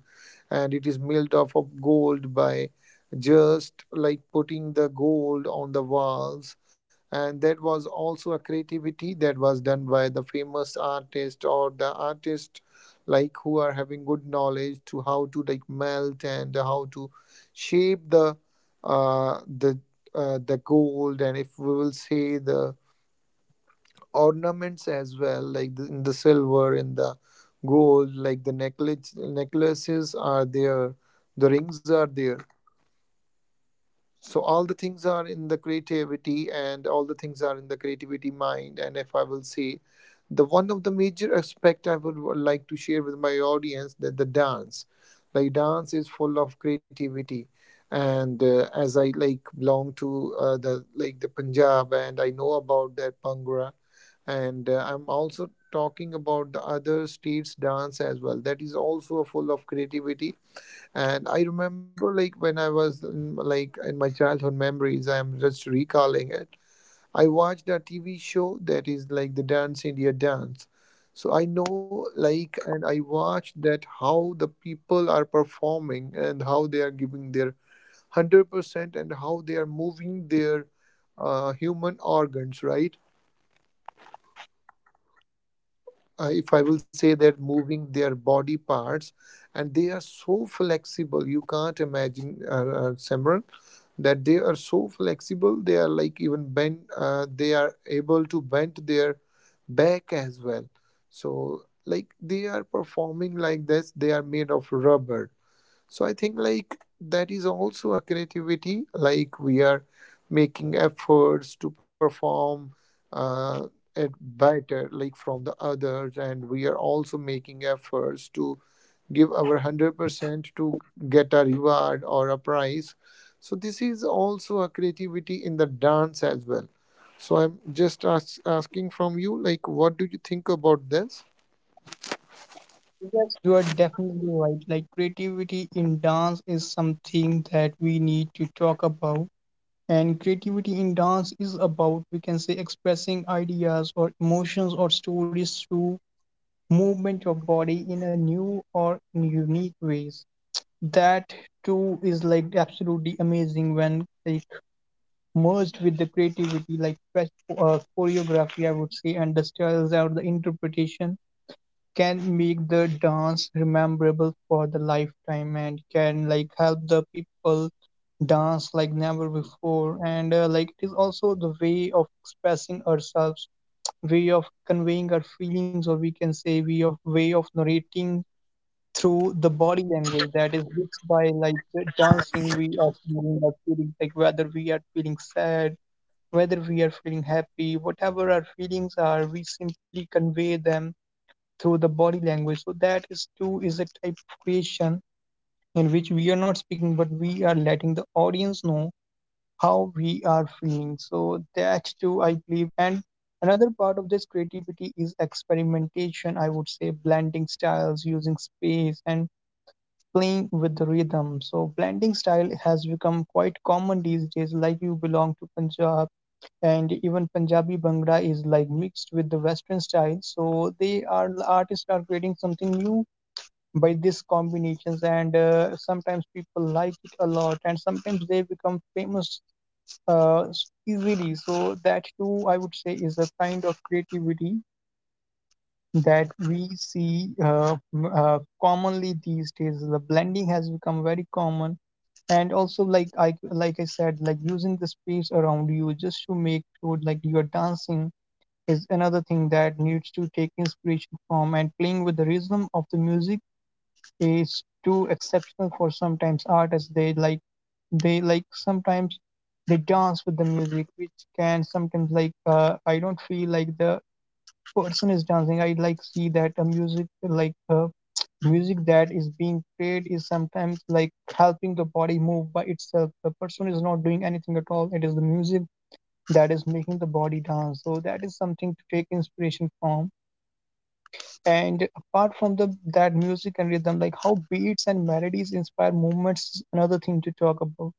[SPEAKER 1] and it is made up of gold by just like putting the gold on the walls. And that was also a creativity that was done by the famous artist or the artist like who are having good knowledge to how to like melt and how to shape the uh, the the gold. And if we will say the ornaments as well, like the, in the silver, in the gold, like the necklaces are there, the rings are there. So all the things are in the creativity, and all the things are in the creativity mind. And if I will say the one of the major aspect, I would like to share with my audience, that the dance, like dance is full of creativity. And as I like belong to the like the Punjab, and I know about that bhangra. And I'm also talking about the other states dance as well, that is also full of creativity. And I remember, like, when I was in, like in my childhood memories, I am just recalling it. I watched a TV show that is like the Dance India Dance. So I know, like, and I watched that how the people are performing and how they are giving their 100% and how they are moving their human organs, right? If I will say that moving their body parts, and they are so flexible. You can't imagine, Simran, that they are so flexible. They are like even bend. They are able to bend their back as well. So like they are performing like this. They are made of rubber. So I think like that is also a creativity, like we are making efforts to perform uh, it better like from the others, and we are also making efforts to give our 100% to get a reward or a prize. So this is also a creativity in the dance as well. So I'm just asking from you, like what do you think about this?
[SPEAKER 2] Yes, you are definitely right. Like creativity in dance is something that we need to talk about. And creativity in dance is about, we can say, expressing ideas or emotions or stories through movement of body in a new or unique ways. That too is like absolutely amazing when like merged with the creativity, like fresh choreography, I would say, and the styles or the interpretation can make the dance memorable for the lifetime and can like help the people dance like never before. And like it is also the way of expressing ourselves, way of conveying our feelings, or we can say way of narrating through the body language. That is, which by dancing we are feeling our feelings, like whether we are feeling sad, whether we are feeling happy, whatever our feelings are, we simply convey them through the body language. So that is too is a type of creation in which we are not speaking, but we are letting the audience know how we are feeling. So that too, I believe. And another part of this creativity is experimentation. I would say blending styles, using space, and playing with the rhythm. So blending style has become quite common these days. Like you belong to Punjab, and even Punjabi Bhangra is like mixed with the Western style. So they are artists are creating something new by these combinations, and sometimes people like it a lot and sometimes they become famous uh, easily. So that too, I would say, is a kind of creativity that we see commonly these days. The blending has become very common. And also, like I like I said, like using the space around you just to make sure like you're dancing is another thing that needs to take inspiration from. And playing with the rhythm of the music is too exceptional. For sometimes artists, they like sometimes they dance with the music which can sometimes like, I don't feel like the person is dancing. I like see that a music like, music that is being played is sometimes like helping the body move by itself. The person is not doing anything at all. It is the music that is making the body dance. So that is something to take inspiration from. And apart from the that music and rhythm, like how beats and melodies inspire movements is another thing to talk about.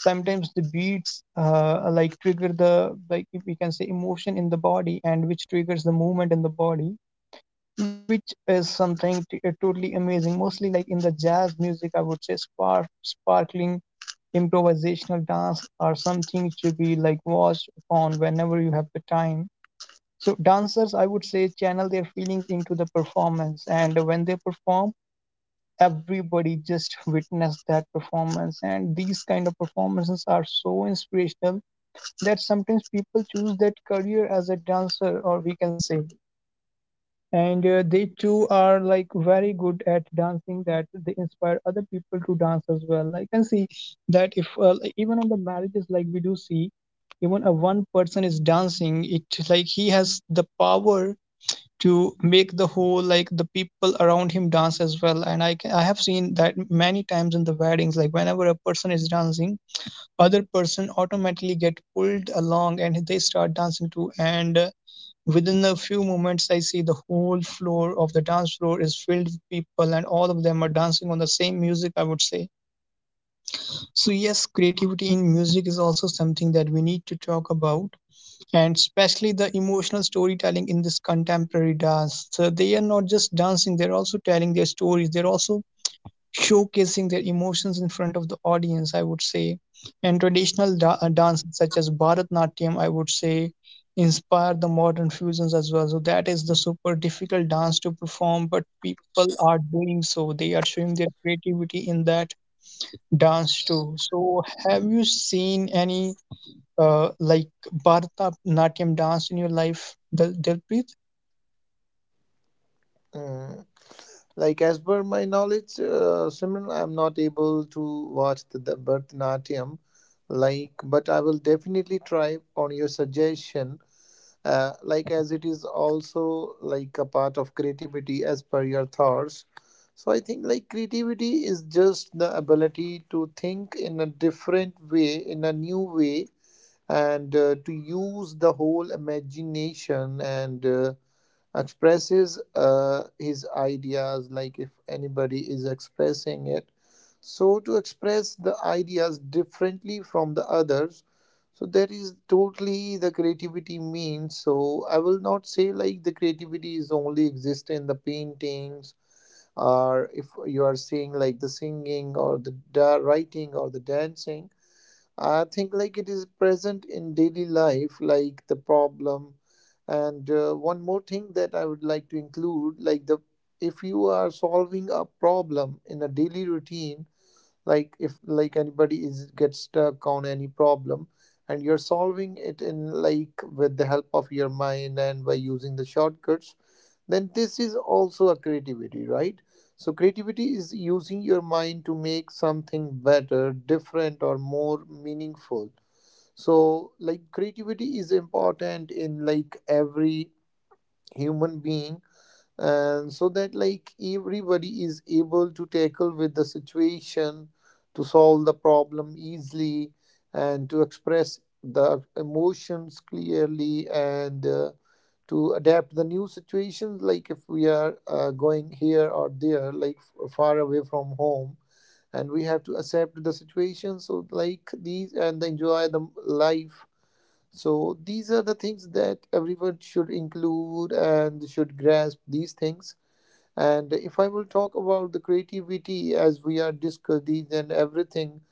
[SPEAKER 2] Sometimes the beats like trigger the, like if we can say, emotion in the body, and which triggers the movement in the body, which is something totally amazing. Mostly like in the jazz music, I would say sparkling improvisational dance are something to be like watched upon whenever you have the time. So dancers, I would say, channel their feelings into the performance, and when they perform, everybody just witness that performance. And these kind of performances are so inspirational that sometimes people choose that career as a dancer, or we can say, and they too are like very good at dancing. That they inspire other people to dance as well. I can see that if like, even on the marriages, like we do see, even a one person is dancing, it like he has the power to make the whole like the people around him dance as well. And I have seen that many times in the weddings. Like whenever a person is dancing, other person automatically get pulled along and they start dancing too. And within a few moments, I see the whole floor of the dance floor is filled with people and all of them are dancing on the same music, I would say. So yes, creativity in music is also something that we need to talk about. And especially the emotional storytelling in this contemporary dance. So they are not just dancing, they're also telling their stories, they're also showcasing their emotions in front of the audience, I would say. And traditional dances such as Bharatnatyam, I would say, inspire the modern fusions as well. So that is the super difficult dance to perform, but people are doing so. They are showing their creativity in that dance too. So have you seen any? Like Bharatanatyam dance in your life, Dilpreet?
[SPEAKER 1] Uh, Like as per my knowledge, Simran, I'm not able to watch the Bharatanatyam. Like, but I will definitely try on your suggestion. Like as it is also like a part of creativity as per your thoughts. So I think like creativity is just the ability to think in a different way, in a new way, and to use the whole imagination, and expresses his ideas, like if anybody is expressing it, so to express the ideas differently from the others. So that is totally the creativity means. So I will not say like the creativity is only exist in the paintings, or if you are saying like the singing, or the writing, or the dancing. I think like it is present in daily life, like the problem. And one more thing that I would like to include, like the, if you are solving a problem in a daily routine, like if like anybody is gets stuck on any problem and you're solving it in like with the help of your mind and by using the shortcuts, then this is also a creativity, right? So creativity is using your mind to make something better, different, or more meaningful. So like creativity is important in like every human being, and so that like everybody is able to tackle with the situation, to solve the problem easily, and to express the emotions clearly, and to adapt to the new situations, like if we are going here or there, like far away from home, and we have to accept the situation. So like these and enjoy the life. So these are the things that everyone should include and should grasp these things. And if I will talk about the creativity, as we are discussed these and everything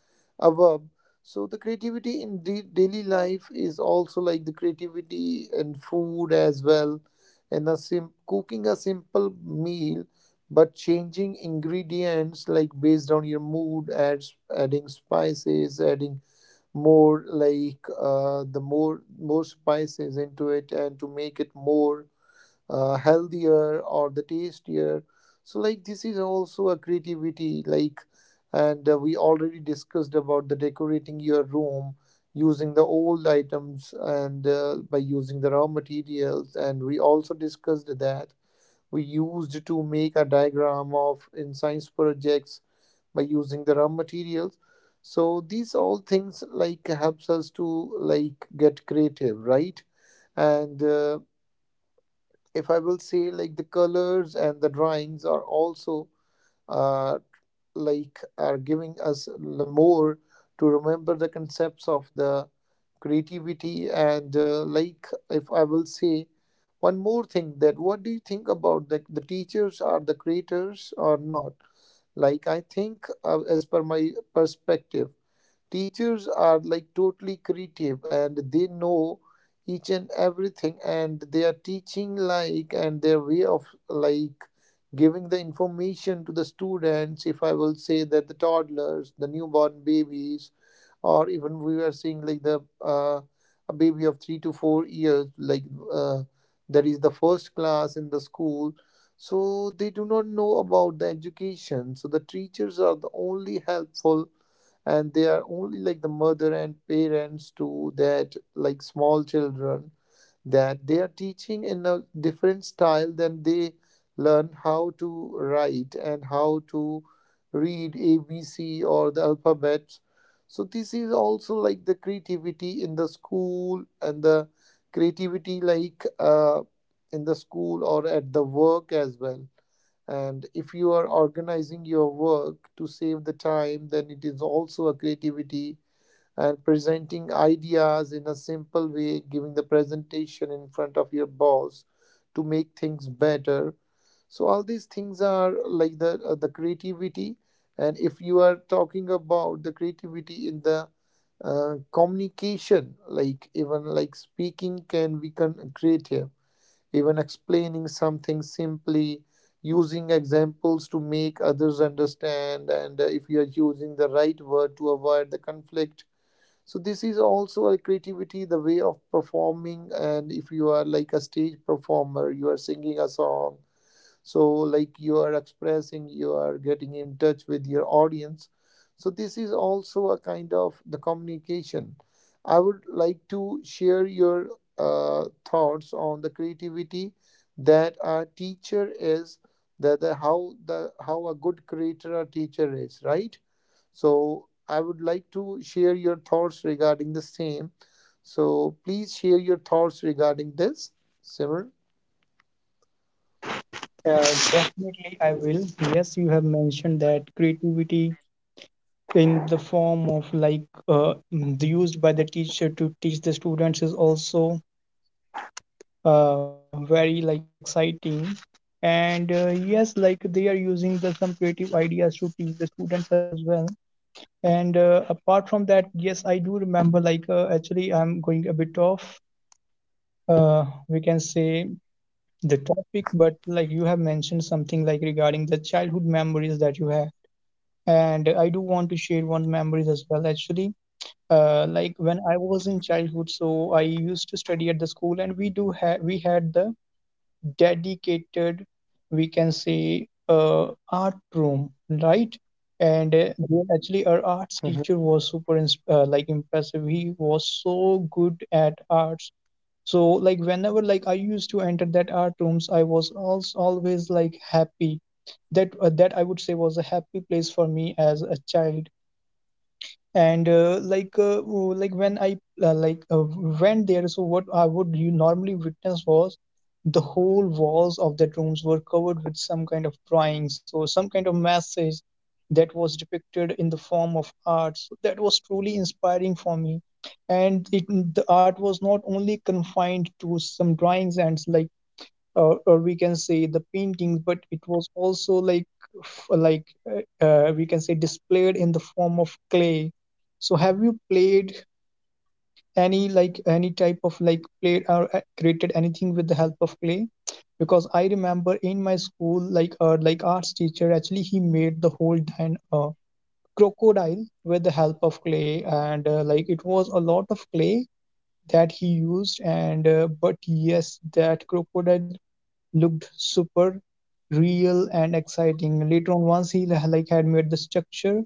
[SPEAKER 1] above, so the creativity in the daily life is also like the creativity in food as well, and a cooking a simple meal, but changing ingredients like based on your mood, adds adding spices, adding more like the more more spices into it, and to make it more healthier or the tastier. So like this is also a creativity like. And we already discussed about the decorating your room using the old items, and by using the raw materials, and we also discussed that we used to make a diagram of in science projects by using the raw materials. So these all things like helps us to like get creative, right? And if I will say like the colors and the drawings are also uh, like are giving us more to remember the concepts of the creativity. And like if I will say one more thing, that what do you think about the teachers are the creators or not? Like I think as per my perspective, teachers are like totally creative, and they know each and everything, and they are teaching like and their way of like giving the information to the students. If I will say that the toddlers, the newborn babies, or even we are seeing like the a baby of 3 to 4 years like, uh, that is the first class in the school, so they do not know about the education. So the teachers are the only helpful, and they are only like the mother and parents to that like small children, that they are teaching in a different style than they learn how to write and how to read ABC or the alphabet. So this is also like the creativity in the school, and the creativity like in the school or at the work as well. And if you are organizing your work to save the time, then it is also a creativity, and presenting ideas in a simple way, giving the presentation in front of your boss to make things better. So all these things are like the creativity. And if you are talking about the creativity in the communication, like even like speaking can be creative, even explaining something simply, using examples to make others understand, and if you are using the right word to avoid the conflict. So this is also a creativity, the way of performing, and if you are like a stage performer, you are singing a song, so like you are expressing, you are getting in touch with your audience. So this is also a kind of the communication. I would like to share your thoughts on the creativity, that a teacher is, that the how a good creator a teacher is, right? So I would like to share your thoughts regarding the same. So please share your thoughts regarding this, Simmer.
[SPEAKER 2] Definitely, I will. Yes, you have mentioned that creativity in the form of like used by the teacher to teach the students is also very like exciting. And yes, like they are using the some creative ideas to teach the students as well. And apart from that, yes, I do remember like actually I'm going a bit off. We can say the topic, but like you have mentioned something like regarding the childhood memories that you have, and I do want to share one memories as well. Actually, like when I was in childhood, so I used to study at the school, and we do have we had the dedicated, we can say, art room, right? And there
[SPEAKER 1] Mm-hmm.
[SPEAKER 2] actually our arts teacher was super like impressive. He was so good at arts. So like whenever like I used to enter that art rooms, I was also always like happy. That that, I would say, was a happy place for me as a child. And when I uh, like uh, went there, so what I would you normally witness was the whole walls of that rooms were covered with some kind of drawings, so some kind of message that was depicted in the form of art. So that was truly inspiring for me. And it, the art was not only confined to some drawings and like or we can say the paintings, but it was also like we can say displayed in the form of clay. So have you played any like any type of like played or created anything with the help of clay? Because I remember in my school like arts teacher, actually he made the whole dine crocodile with the help of clay, and like it was a lot of clay that he used, and but yes, that crocodile looked super real and exciting. Later on, once like had made the structure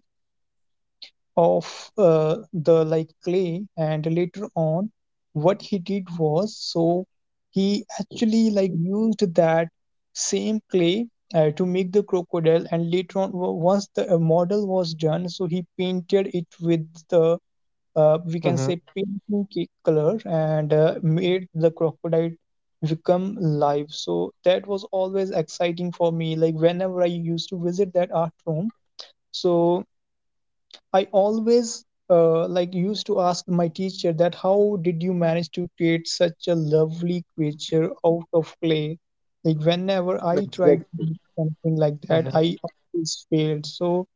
[SPEAKER 2] of the like clay, and later on, what he did was, so he actually like used that same clay to make the crocodile, and later on, once the model was done, so he painted it with the we can say
[SPEAKER 1] Mm-hmm.
[SPEAKER 2] painting color, and made the crocodile become live. So that was always exciting for me. Like whenever I used to visit that art room, so I always like used to ask my teacher that how did you manage to create such a lovely creature out of clay? Like whenever I tried to do
[SPEAKER 1] Exactly.
[SPEAKER 2] something like that,
[SPEAKER 1] Mm-hmm.
[SPEAKER 2] I always failed. So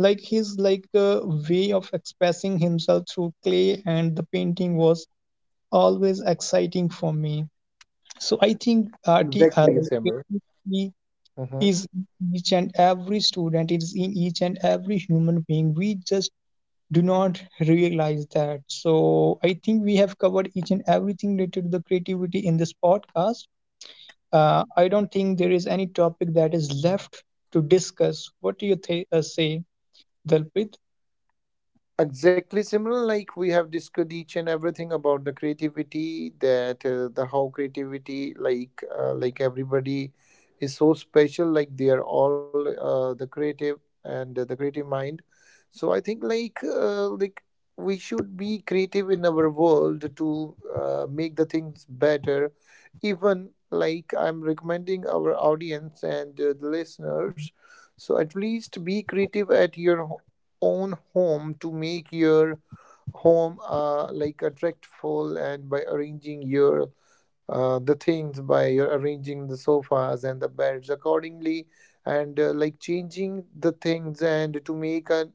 [SPEAKER 2] like his way of expressing himself through clay and the painting was always exciting for me. So I think art
[SPEAKER 1] Exactly, Simmer.
[SPEAKER 2] creativity
[SPEAKER 1] Mhm.
[SPEAKER 2] is in each and every student. It is in each and every human being. We just do not realize that. So I think we have covered each and everything related to the creativity in this podcast. I don't think there is any topic that is left to discuss. What do you say, Dalpit?
[SPEAKER 1] Exactly, similar like we have discussed each and everything about the creativity, that the how creativity like everybody is so special, like they are all the creative, and the creative mind. So I think like we should be creative in our world to make the things better, even like I'm recommending our audience and the listeners. So at least be creative at your own home to make your home like attractful, and by arranging your the things by your arranging the sofas and the beds accordingly, and like changing the things, and to make a,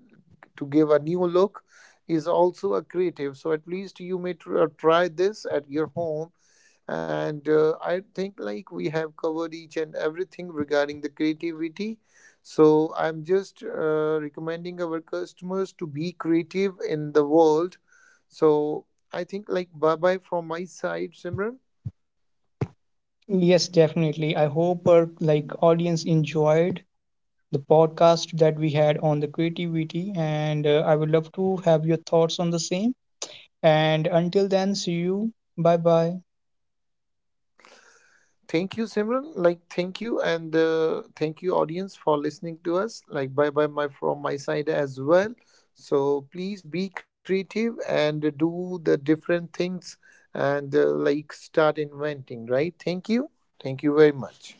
[SPEAKER 1] to give a new look is also a creative. So at least you may try this at your home. And I think like we have covered each and everything regarding the creativity. So I'm just recommending our customers to be creative in the world. So I think like bye bye from my side, Simran.
[SPEAKER 2] Yes, definitely. I hope our like audience enjoyed the podcast that we had on the creativity, and I would love to have your thoughts on the same. And until then, see you. Bye bye.
[SPEAKER 1] Thank you, Simran. Like, thank you, and thank you, audience, for listening to us. Like, bye bye, my from my side as well. So please be creative and do the different things, and like start inventing. Right? Thank you. Thank you very much.